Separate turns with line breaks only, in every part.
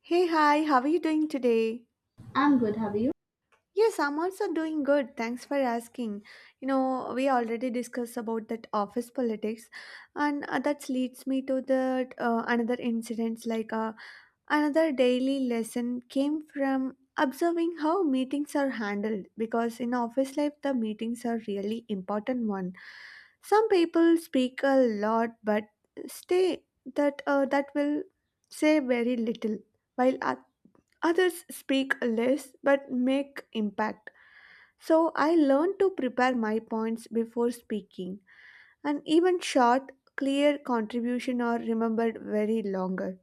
Hey, hi, how are you doing today?
I'm good, have you?
Yes, I'm also doing good. Thanks for asking. You know, we already discussed about that office politics, and that leads me to the another incidents another daily lesson came from observing how meetings are handled, because in office life the meetings are really important one. Some people speak a lot but stay that will say very little while others speak less but make impact. So I learn to prepare my points before speaking, and even short, clear contribution are remembered very longer.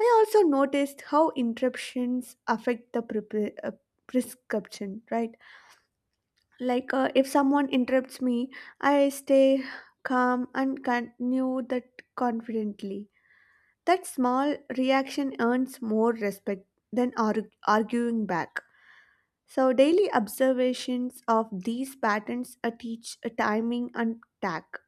I also noticed how interruptions affect the prescription, right? If someone interrupts me, I stay calm and continue that confidently. That small reaction earns more respect than arguing back. So, daily observations of these patterns teach a timing and tack,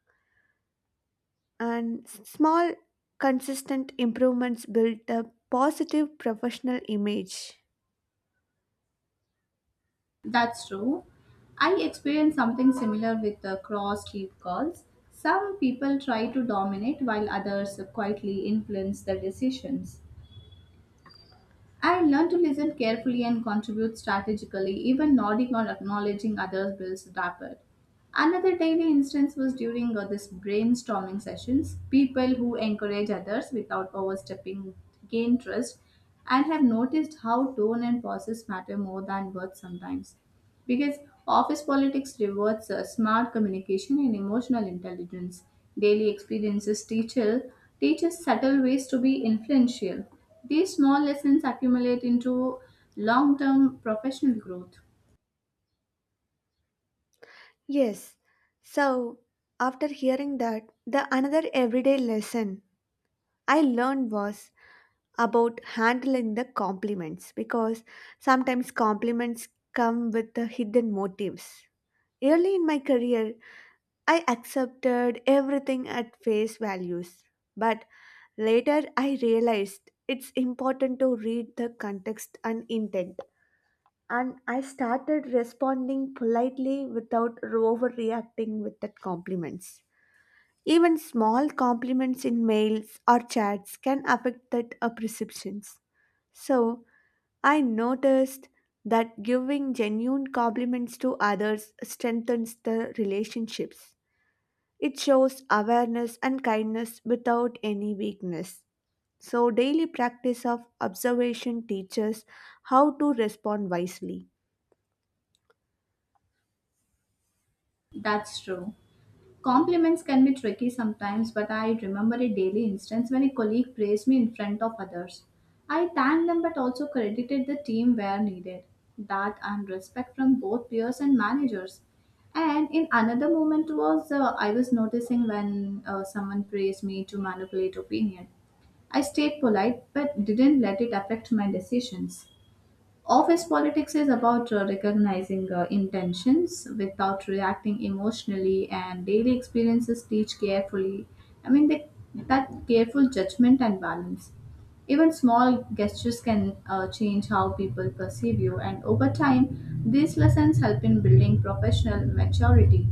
and small, consistent improvements build a positive professional image.
That's true. I experienced something similar with the cross street calls. Some people try to dominate while others quietly influence the decisions. I learned to listen carefully and contribute strategically, even nodding or acknowledging others builds rapport. Another daily instance was during this brainstorming sessions. People who encourage others without overstepping gain trust and have noticed how tone and process matter more than words sometimes. Because office politics rewards smart communication and emotional intelligence. Daily experiences teacher teaches subtle ways to be influential. These small lessons accumulate into long-term professional growth.
Yes, so after hearing that, the another everyday lesson I learned was about handling the compliments, because sometimes compliments come with the hidden motives. Early in my career, I accepted everything at face values, but later I realized it's important to read the context and intent. And I started responding politely without overreacting with the compliments. Even small compliments in mails or chats can affect that perceptions. So I noticed that giving genuine compliments to others strengthens the relationships. It shows awareness and kindness without any weakness. So, daily practice of observation teaches how to respond wisely.
That's true. Compliments can be tricky sometimes, but I remember a daily instance when a colleague praised me in front of others. I thanked them but also credited the team where needed. That and respect from both peers and managers. And in another moment was, I was noticing when someone praised me to manipulate opinion. I stayed polite but didn't let it affect my decisions. Office politics is about recognizing intentions without reacting emotionally, and daily experiences teach carefully. I mean, that careful judgment and balance. Even small gestures can change how people perceive you, and over time, these lessons help in building professional maturity.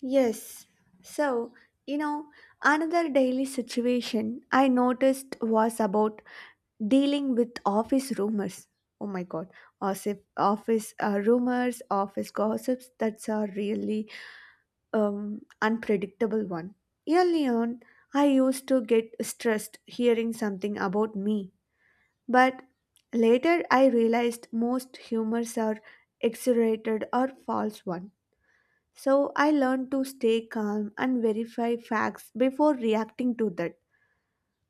Yes. So, you know, another daily situation I noticed was about dealing with office rumors. Oh my god, as if office rumors, office gossips, that's a really unpredictable one. Early on, I used to get stressed hearing something about me, but later I realized most humors are exaggerated or false one. So I learned to stay calm and verify facts before reacting to that.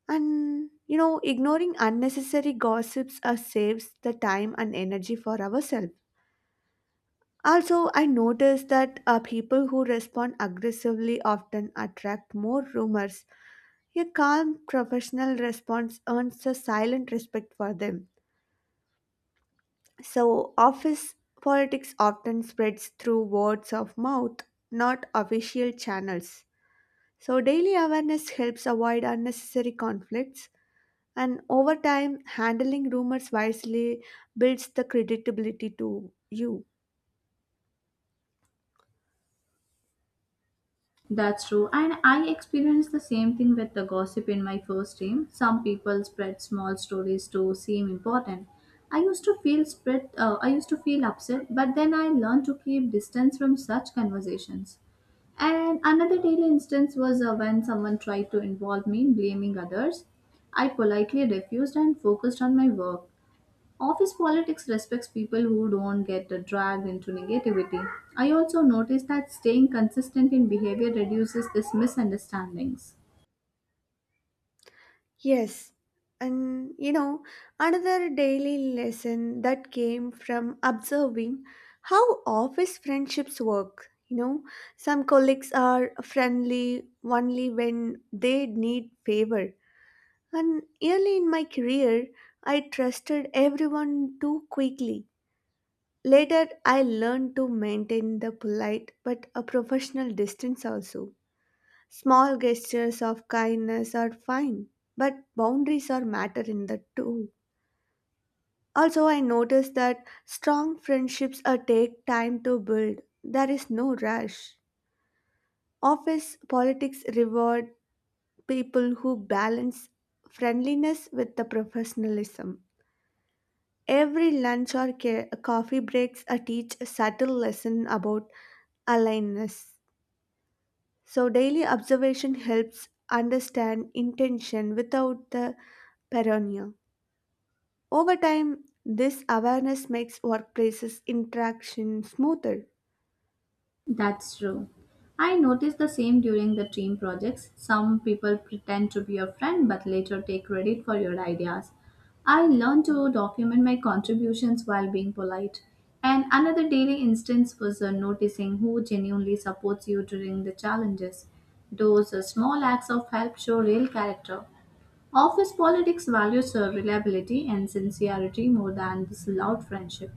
And you know, ignoring unnecessary gossips saves the time and energy for ourselves. Also, I noticed that people who respond aggressively often attract more rumors. A calm, professional response earns a silent respect for them. So, office politics often spreads through words of mouth, not official channels. So, daily awareness helps avoid unnecessary conflicts, and over time, handling rumors wisely builds the credibility to you.
That's true. And I experienced the same thing with the gossip in my first team. Some people spread small stories to seem important. I used to feel spread, I used to feel upset, but then I learned to keep distance from such conversations. And another daily instance was when someone tried to involve me in blaming others. I politely refused and focused on my work. Office politics respects people who don't get dragged into negativity. I also noticed that staying consistent in behavior reduces these misunderstandings.
Yes, and you know, another daily lesson that came from observing how office friendships work. You know, some colleagues are friendly only when they need favor. And early in my career, I trusted everyone too quickly. Later, I learned to maintain the polite but a professional distance also. Small gestures of kindness are fine, but boundaries are matter in that too. Also, I noticed that strong friendships are take time to build. There is no rush. Office politics reward people who balance friendliness with the professionalism. Every lunch or coffee breaks a teach a subtle lesson about aliveness. So, daily observation helps understand intention without the paranoia. Over time, this awareness makes workplaces interaction smoother.
That's true. I noticed the same during the team projects. Some people pretend to be your friend but later take credit for your ideas. I learned to document my contributions while being polite. And another daily instance was noticing who genuinely supports you during the challenges. Those small acts of help show real character. Office politics values reliability and sincerity more than this loud friendship.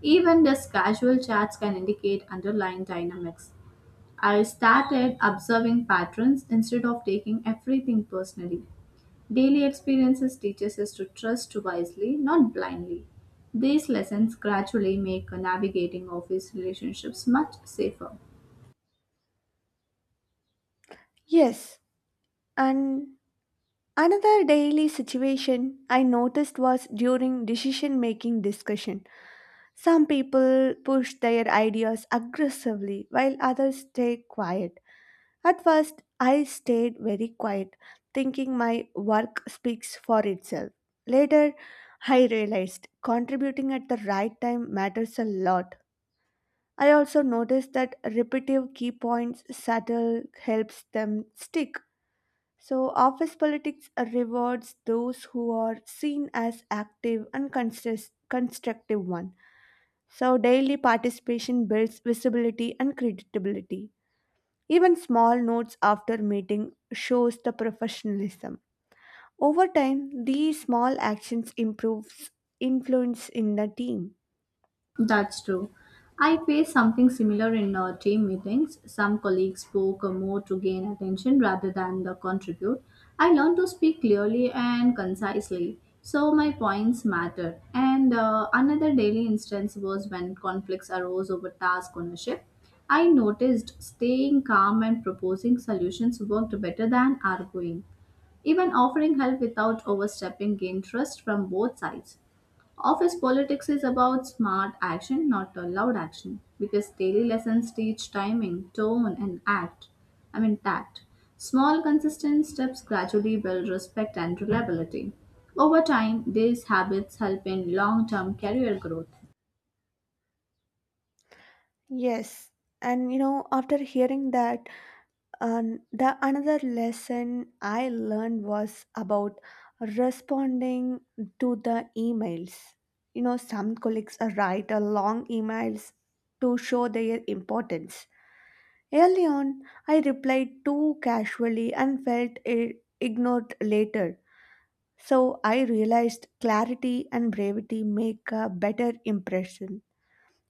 Even these casual chats can indicate underlying dynamics. I started observing patterns instead of taking everything personally. Daily experiences teaches us to trust wisely, not blindly. These lessons gradually make navigating office relationships much safer.
Yes, and another daily situation I noticed was during decision making discussion. Some people push their ideas aggressively while others stay quiet. At first, I stayed very quiet, thinking my work speaks for itself. Later, I realized contributing at the right time matters a lot. I also noticed that repetitive key points subtle helps them stick. So, office politics rewards those who are seen as active and constructive one. So, daily participation builds visibility and credibility. Even small notes after meeting shows the professionalism. Over time, these small actions improves influence in the team.
That's true. I faced something similar in team meetings. Some colleagues spoke more to gain attention rather than the contribute. I learned to speak clearly and concisely, so my points mattered. And another daily instance was when conflicts arose over task ownership. I noticed staying calm and proposing solutions worked better than arguing. Even offering help without overstepping gained trust from both sides. Office politics is about smart action, not a loud action, because daily lessons teach timing, tone, and act. I mean, tact. Small, consistent steps gradually build respect and reliability. Over time, these habits help in long term career growth.
Yes, and you know, after hearing that, and the another lesson I learned was about responding to the emails. You know, some colleagues write a long emails to show their importance. Early on, I replied too casually and felt ignored later. So I realized clarity and brevity make a better impression.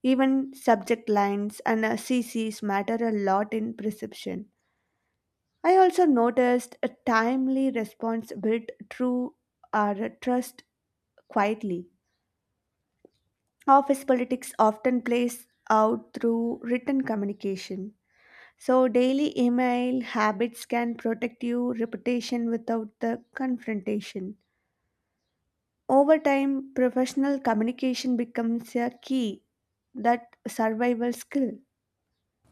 Even subject lines and CCs matter a lot in perception. I also noticed a timely response built through our trust quietly. Office politics often plays out through written communication. So, daily email habits can protect your reputation without the confrontation. Over time, professional communication becomes a key that survival skill.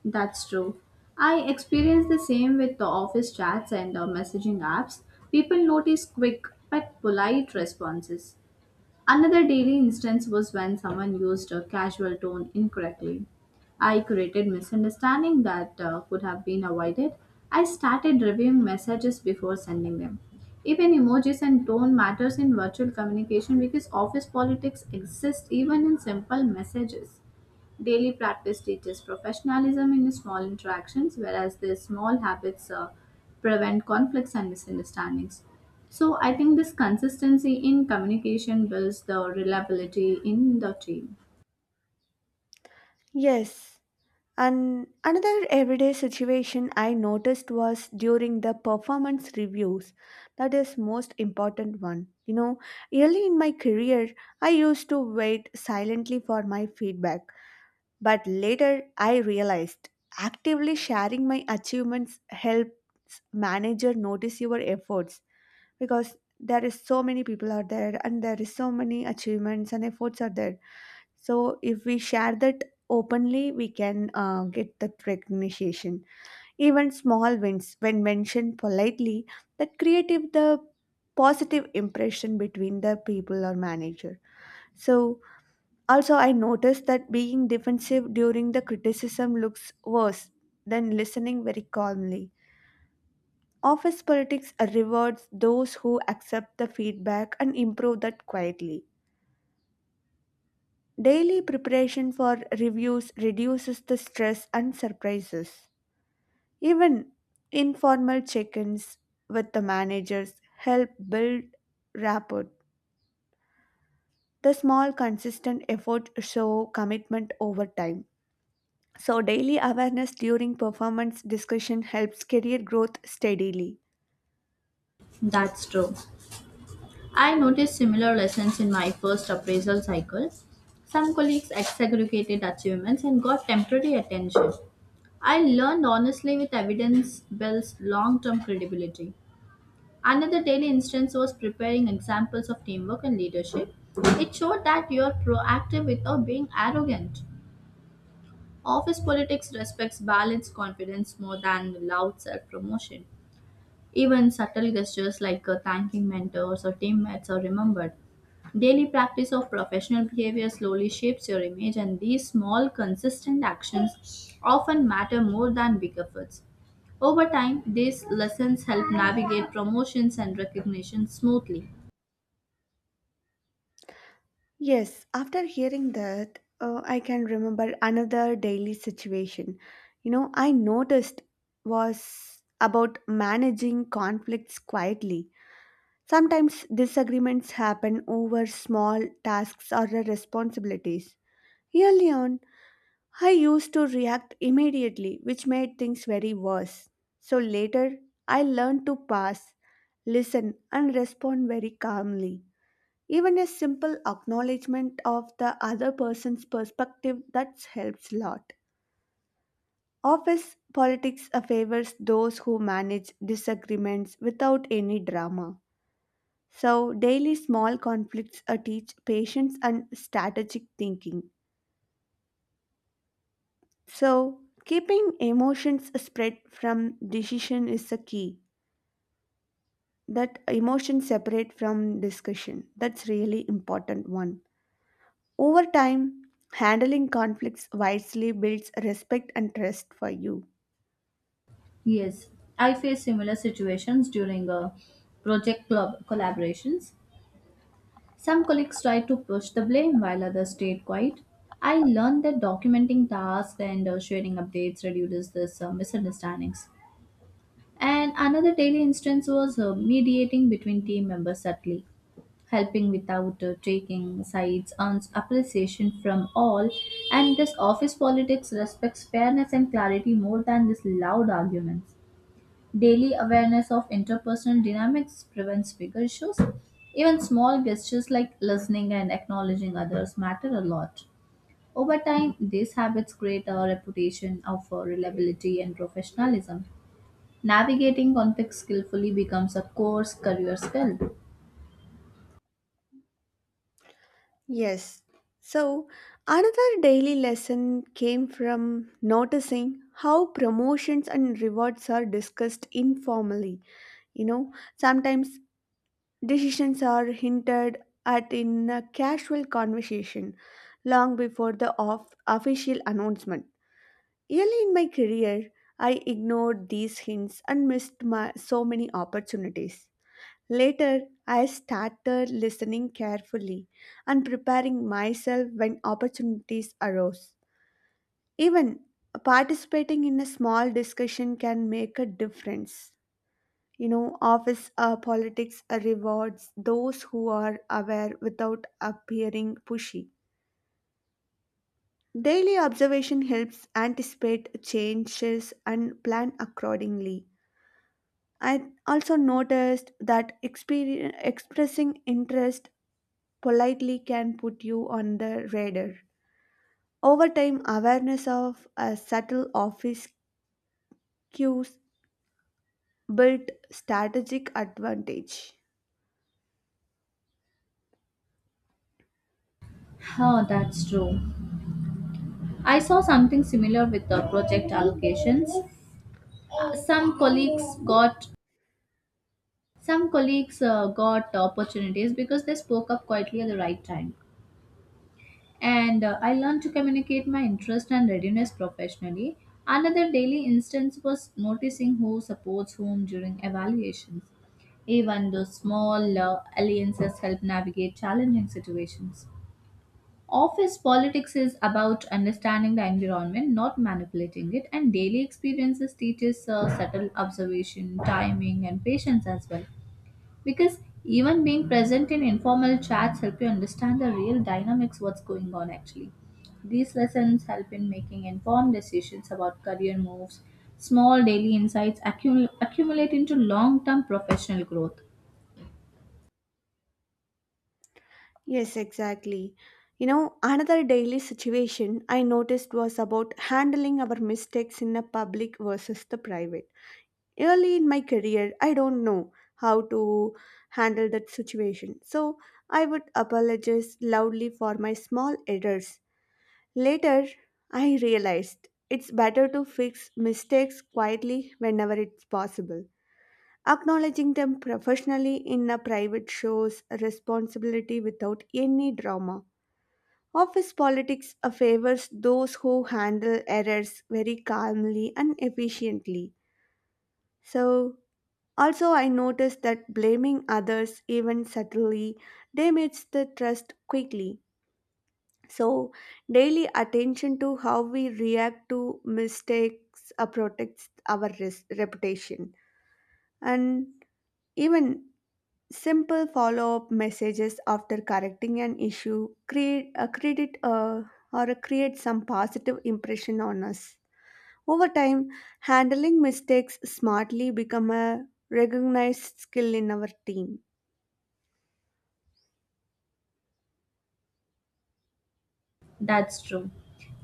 That's true. I experience the same with the office chats and messaging apps. People notice quick but polite responses. Another daily instance was when someone used a casual tone incorrectly. I created misunderstanding that could have been avoided. I started reviewing messages before sending them. Even emojis and tone matters in virtual communication because office politics exist even in simple messages. Daily practice teaches professionalism in small interactions, whereas the small habits prevent conflicts and misunderstandings. So, I think this consistency in communication builds the reliability in the team.
Yes, and another everyday situation I noticed was during the performance reviews. That is most important one. You know, early in my career, I used to wait silently for my feedback, but later I realized actively sharing my achievements helps manager notice your efforts, because there is so many people out there and there is so many achievements and efforts are there, so if we share that openly, we can get that recognition. Even small wins, when mentioned politely, that creative the positive impression between the people or manager. So also I noticed that being defensive during the criticism looks worse than listening very calmly. Office politics rewards those who accept the feedback and improve that quietly. Daily preparation for reviews reduces the stress and surprises. Even informal check ins with the managers help build rapport. The small, consistent effort show commitment over time. So, daily awareness during performance discussion helps career growth steadily.
That's true. I noticed similar lessons in my first appraisal cycle. Some colleagues exaggerated achievements and got temporary attention. I learned honestly with evidence builds long term credibility. Another daily instance was preparing examples of teamwork and leadership. It showed that you're proactive without being arrogant. Office politics respects balanced confidence more than loud self promotion. Even subtle gestures like thanking mentors or teammates are remembered. Daily practice of professional behavior slowly shapes your image, and these small, consistent actions often matter more than big efforts. Over time, these lessons help navigate promotions and recognition smoothly.
Yes, after hearing that, I can remember another daily situation. You know, I noticed was about managing conflicts quietly. Sometimes disagreements happen over small tasks or responsibilities. Early on, I used to react immediately, which made things very worse. So later, I learned to pass, listen, and respond very calmly. Even a simple acknowledgement of the other person's perspective that helps a lot. Office politics favors those who manage disagreements without any drama. So, daily small conflicts teach patience and strategic thinking. So, keeping emotions spread from decision is a key. That emotion separate from discussion. That's really important one. Over time, handling conflicts wisely builds respect and trust for you.
Yes, I faced similar situations during project club collaborations. Some colleagues tried to push the blame while others stayed quiet. I learned that documenting tasks and sharing updates reduces this misunderstandings. And another daily instance was mediating between team members subtly, helping without taking sides, earns appreciation from all. And this office politics respects fairness and clarity more than this loud arguments. Daily awareness of interpersonal dynamics prevents bigger issues. Even small gestures like listening and acknowledging others matter a lot. Over time, these habits create a reputation of reliability and professionalism. Navigating conflict skillfully becomes a core career skill.
Yes. So, another daily lesson came from noticing how promotions and rewards are discussed informally. You know, sometimes decisions are hinted at in a casual conversation long before the official announcement. Early in my career, I ignored these hints and missed my, so many opportunities. Later, I started listening carefully and preparing myself when opportunities arose. Even participating in a small discussion can make a difference. You know, office politics rewards those who are aware without appearing pushy. Daily observation helps anticipate changes and plan accordingly. I also noticed that expressing interest politely can put you on the radar. Over time, awareness of subtle office cues built strategic advantage.
Oh, that's true. I saw something similar with the project allocations. Uh, Some colleagues got some colleagues got opportunities because they spoke up quietly at the right time, and I learned to communicate my interest and readiness professionally. Another daily instance was noticing who supports whom during evaluations. Even those small alliances help navigate challenging situations. Office politics is about understanding the environment, not manipulating it, and daily experiences teaches subtle observation, timing, and patience as well, because even being present in informal chats help you understand the real dynamics what's going on actually. These lessons help in making informed decisions about career moves. Small daily insights accumulate into long-term professional growth.
Yes, exactly. You know, another daily situation I noticed was about handling our mistakes in the public versus the private. Early in my career, I don't know how to handle that situation. So I would apologize loudly for my small errors. Later, I realized it's better to fix mistakes quietly whenever it's possible. Acknowledging them professionally in a private shows responsibility without any drama. Office politics favors those who handle errors very calmly and efficiently. So, also, I noticed that blaming others, even subtly, damages the trust quickly. So, daily attention to how we react to mistakes protects our reputation. And even simple follow up messages after correcting an issue create a credit or a create some positive impression on us. Over time, handling mistakes smartly become a recognized skill in our team.
That's true.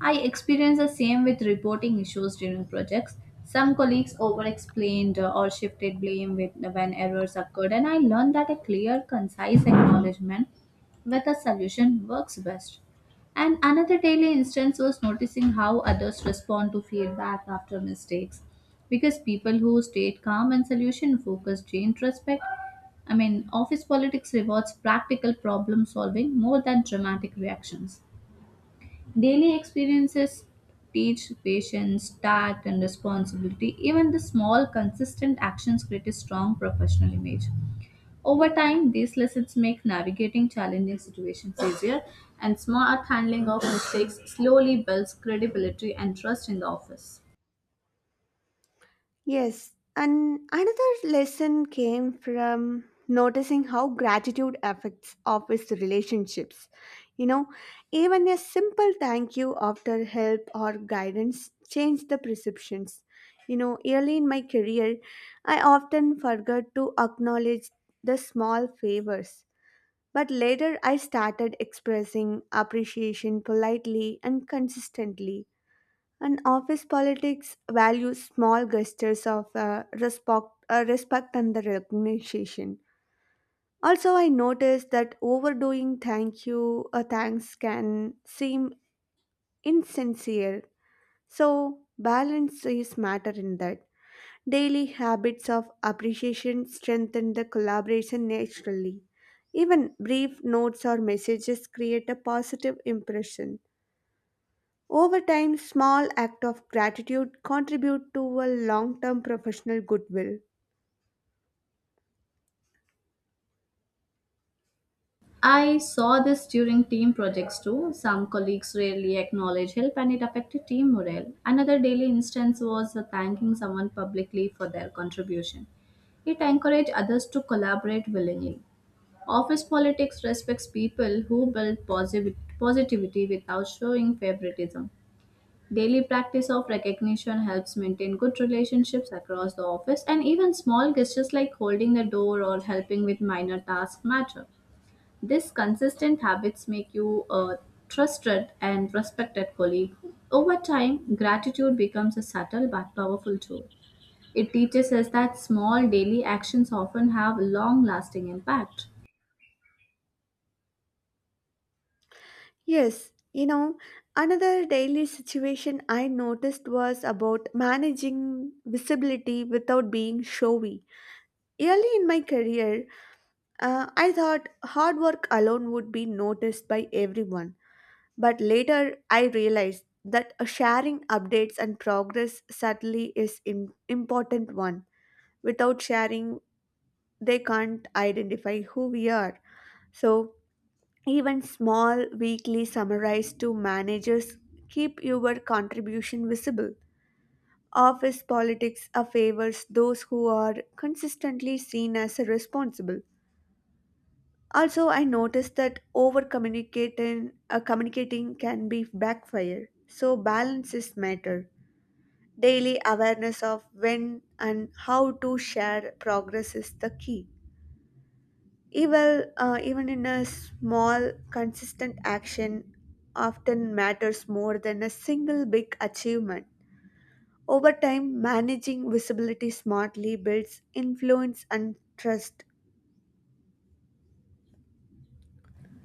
I experienced the same with reporting issues during projects. Some colleagues over explained or shifted blame with, when errors occurred, and I learned that a clear, concise acknowledgement with a solution works best. And another daily instance was noticing how others respond to feedback after mistakes. Because people who stayed calm and solution focused gained respect. I mean, office politics rewards practical problem solving more than dramatic reactions. Daily experiences teach patience, tact, and responsibility. Even the small, consistent actions create a strong professional image. Over time, these lessons make navigating challenging situations easier, and smart handling of mistakes slowly builds credibility and trust in the office.
Yes, and another lesson came from noticing how gratitude affects office relationships. You know, even a simple thank you after help or guidance changed the perceptions. You know, early in my career, I often forgot to acknowledge the small favors. But later, I started expressing appreciation politely and consistently. And office politics values small gestures of respect and the recognition. Also, I noticed that overdoing thank you or thanks can seem insincere. So, balance is matter in that. Daily habits of appreciation strengthen the collaboration naturally. Even brief notes or messages create a positive impression. Over time, small acts of gratitude contribute to a long term professional goodwill.
I saw this during team projects too. Some colleagues rarely acknowledge help and it affected team morale. Another daily instance was thanking someone publicly for their contribution. It encouraged others to collaborate willingly. Office politics respects people who build positive positivity without showing favoritism. Daily practice of recognition helps maintain good relationships across the office, and even small gestures like holding the door or helping with minor tasks matter. These consistent habits make you a trusted and respected colleague. Over time, gratitude becomes a subtle but powerful tool. It teaches us that small daily actions often have long lasting impact.
Yes, you know, another daily situation I noticed was about managing visibility without being showy. Early in my career, I thought hard work alone would be noticed by everyone. But later, I realized that sharing updates and progress certainly is an important one. Without sharing, they can't identify who we are. So, even small weekly summaries to managers keep your contribution visible. Office politics favors those who are consistently seen as responsible. Also, I noticed that communicating can be backfire. So, balance is matter. Daily awareness of when and how to share progress is the key. Even in a small, consistent action, often matters more than a single big achievement. Over time, managing visibility smartly builds influence and trust.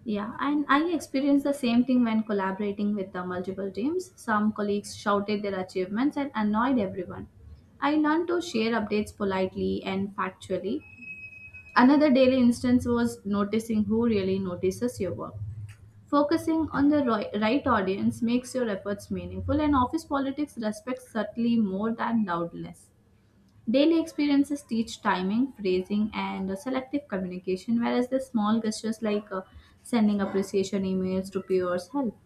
Yeah, and I experienced the same thing when collaborating with the multiple teams. Some colleagues shouted their achievements and annoyed everyone. I learned to share updates politely and factually. Another daily instance was noticing who really notices your work. Focusing on the right audience makes your efforts meaningful, and office politics respects subtly more than loudness. Daily experiences teach timing, phrasing, and selective communication, whereas the small gestures like sending appreciation emails to peers help.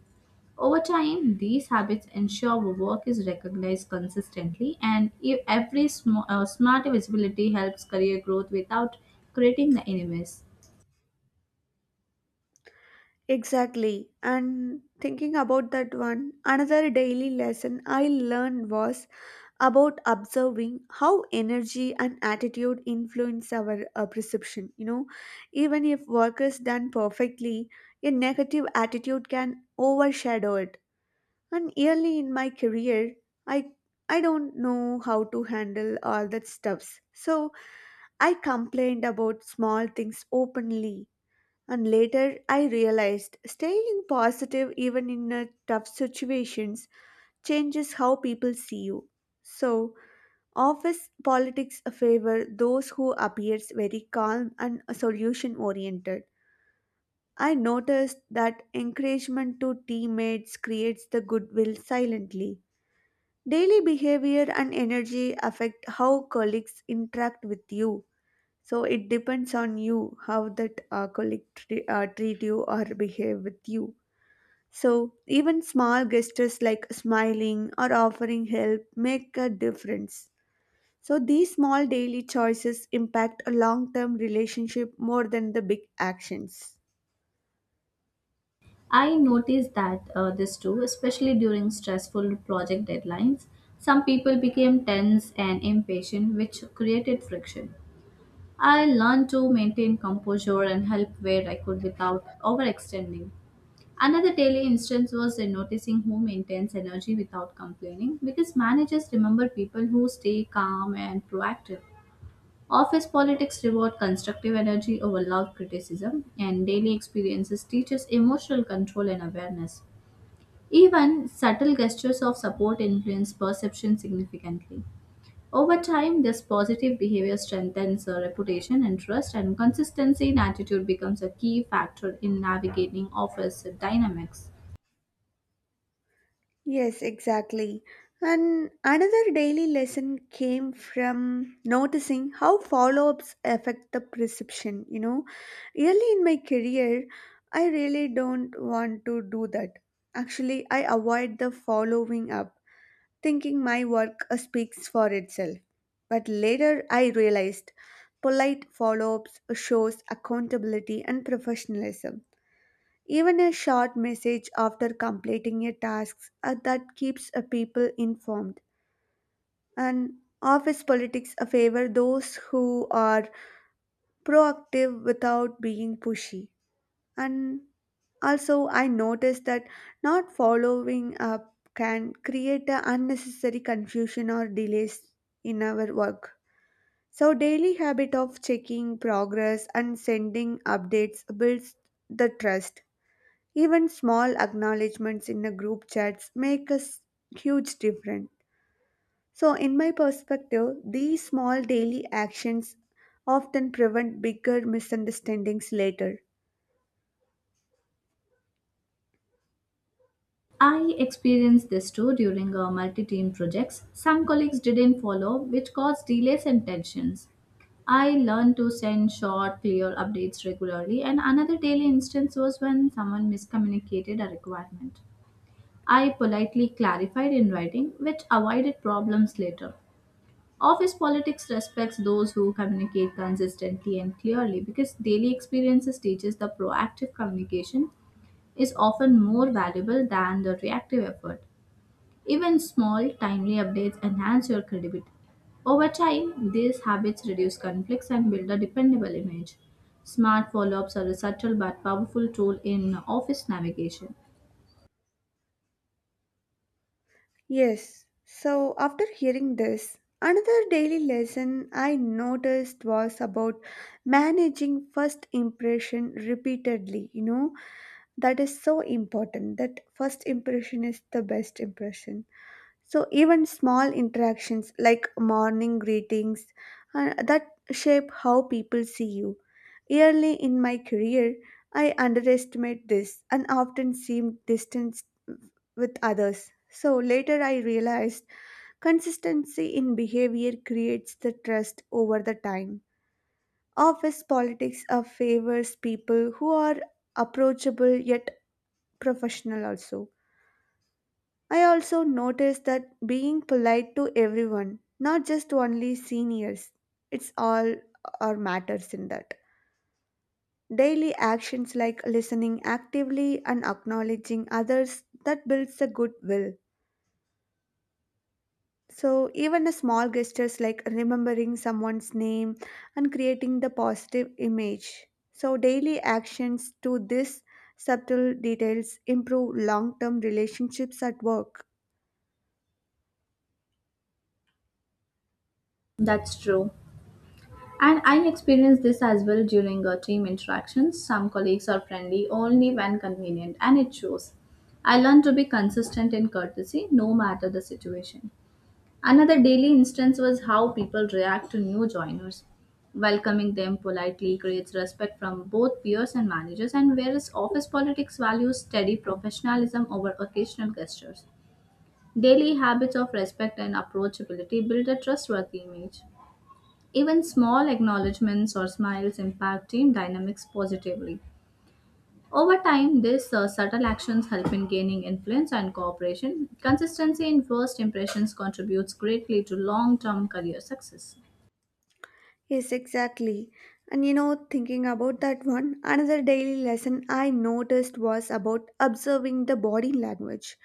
Over time, these habits ensure our work is recognized consistently, and if every smart visibility helps career growth without creating the enemies.
Exactly. And thinking about that one, another daily lesson I learned was about observing how energy and attitude influence our perception. Even if work is done perfectly, a negative attitude can overshadow it. And early in my career, i I don't know how to handle all that stuffs, so I complained about small things openly. And later I realized staying positive even in tough situations changes how people see you. So office politics favor those who appears very calm and solution oriented. I noticed that encouragement to teammates creates the goodwill silently. Daily behavior and energy affect how colleagues interact with you. So it depends on you how that treat you or behave with you. So even small gestures like smiling or offering help make a difference. So these small daily choices impact a long term relationship more than the big actions.
I noticed that, this too, especially during stressful project deadlines. Some people became tense and impatient, which created friction. I learned to maintain composure and help where I could without overextending. Another daily instance was in noticing who maintains energy without complaining because managers remember people who stay calm and proactive. Office politics reward constructive energy over loud criticism, and daily experiences teaches emotional control and awareness. Even subtle gestures of support influence perception significantly. Over time, this positive behavior strengthens a reputation and trust, and consistency in attitude becomes a key factor in navigating office dynamics.
Yes, exactly. And another daily lesson came from noticing how follow ups affect the perception. Early in my career, I really don't want to do that. Actually, I avoid the following up, thinking my work speaks for itself. But later I realized polite follow ups shows accountability and professionalism. Even a short message after completing a task, that keeps people informed. And office politics favor those who are proactive without being pushy. And also, I noticed that not following up can create a unnecessary confusion or delays in our work. So, daily habit of checking progress and sending updates builds the trust. Even small acknowledgments in a group chats make huge difference. So, in my perspective, these small daily actions often prevent bigger misunderstandings later.
I experienced this too during our multi team projects. Some colleagues didn't follow, which caused delays and tensions. I learned to send short, clear updates regularly, and another daily instance was when someone miscommunicated a requirement. I politely clarified in writing, which avoided problems later. Office politics respects those who communicate consistently and clearly because daily experiences teaches the proactive communication is often more valuable than the reactive effort. Even small, timely updates enhance your credibility. Over time, these habits reduce conflicts and build a dependable image. Smart follow ups are a subtle but powerful tool in office navigation.
Yes, so after hearing this, another daily lesson I noticed was about managing first impression repeatedly. You know that is so important, that first impression is the best impression. So even small interactions like morning greetings, that shape how people see you. Early in my career, I underestimate this and often seemed distant with others. So later I realized consistency in behavior creates the trust over the time. Office politics favors people who are approachable yet professional also. I also noticed that being polite to everyone, not just only seniors, it's all or matters in that. Daily actions like listening actively and acknowledging others that builds the goodwill. So even a small gestures like remembering someone's name and creating the positive image. So daily actions to this subtle details improve long-term relationships at work.
That's true. And I experienced this as well during team interactions. Some colleagues are friendly only when convenient, and it shows. I learned to be consistent in courtesy no matter the situation. Another daily instance was how people react to new joiners. Welcoming them politely creates respect from both peers and managers, and whereas office politics values steady professionalism over occasional gestures. Daily habits of respect and approachability build a trustworthy image. Even small acknowledgements or smiles impact team dynamics positively. Over time, these subtle actions help in gaining influence and cooperation. Consistency in first impressions contributes greatly to long term career success.
Yes, exactly. And you know, thinking about that one, another daily lesson I noticed was about observing the body language.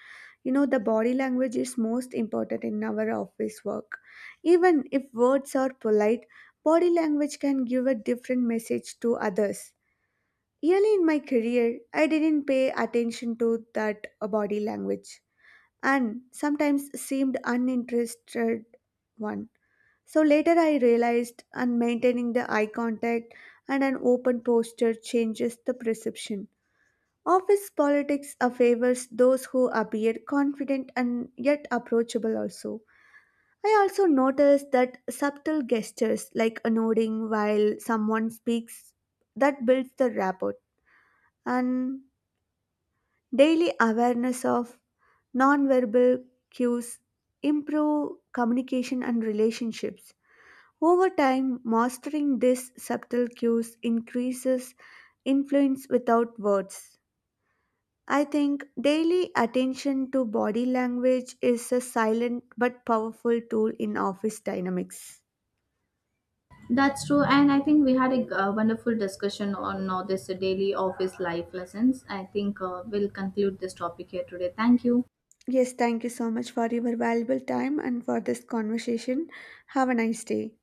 You know, the body language is most important in our office work. Even if words are polite, body language can give a different message to others. Early in my career, I didn't pay attention to that body language and sometimes seemed uninterested one. So later I realized and maintaining the eye contact and an open posture changes the perception. Office politics favors those who appear confident and yet approachable also. I also noticed that subtle gestures like a nodding while someone speaks that builds the rapport, and daily awareness of nonverbal cues improve communication and relationships. Over time, mastering these subtle cues increases influence without words. I think daily attention to body language is a silent but powerful tool in office dynamics.
That's true, and I think we had a wonderful discussion on this daily office life lessons. I think we'll conclude this topic here today. Thank you.
Yes, thank you so much for your valuable time and for this conversation. Have a nice day.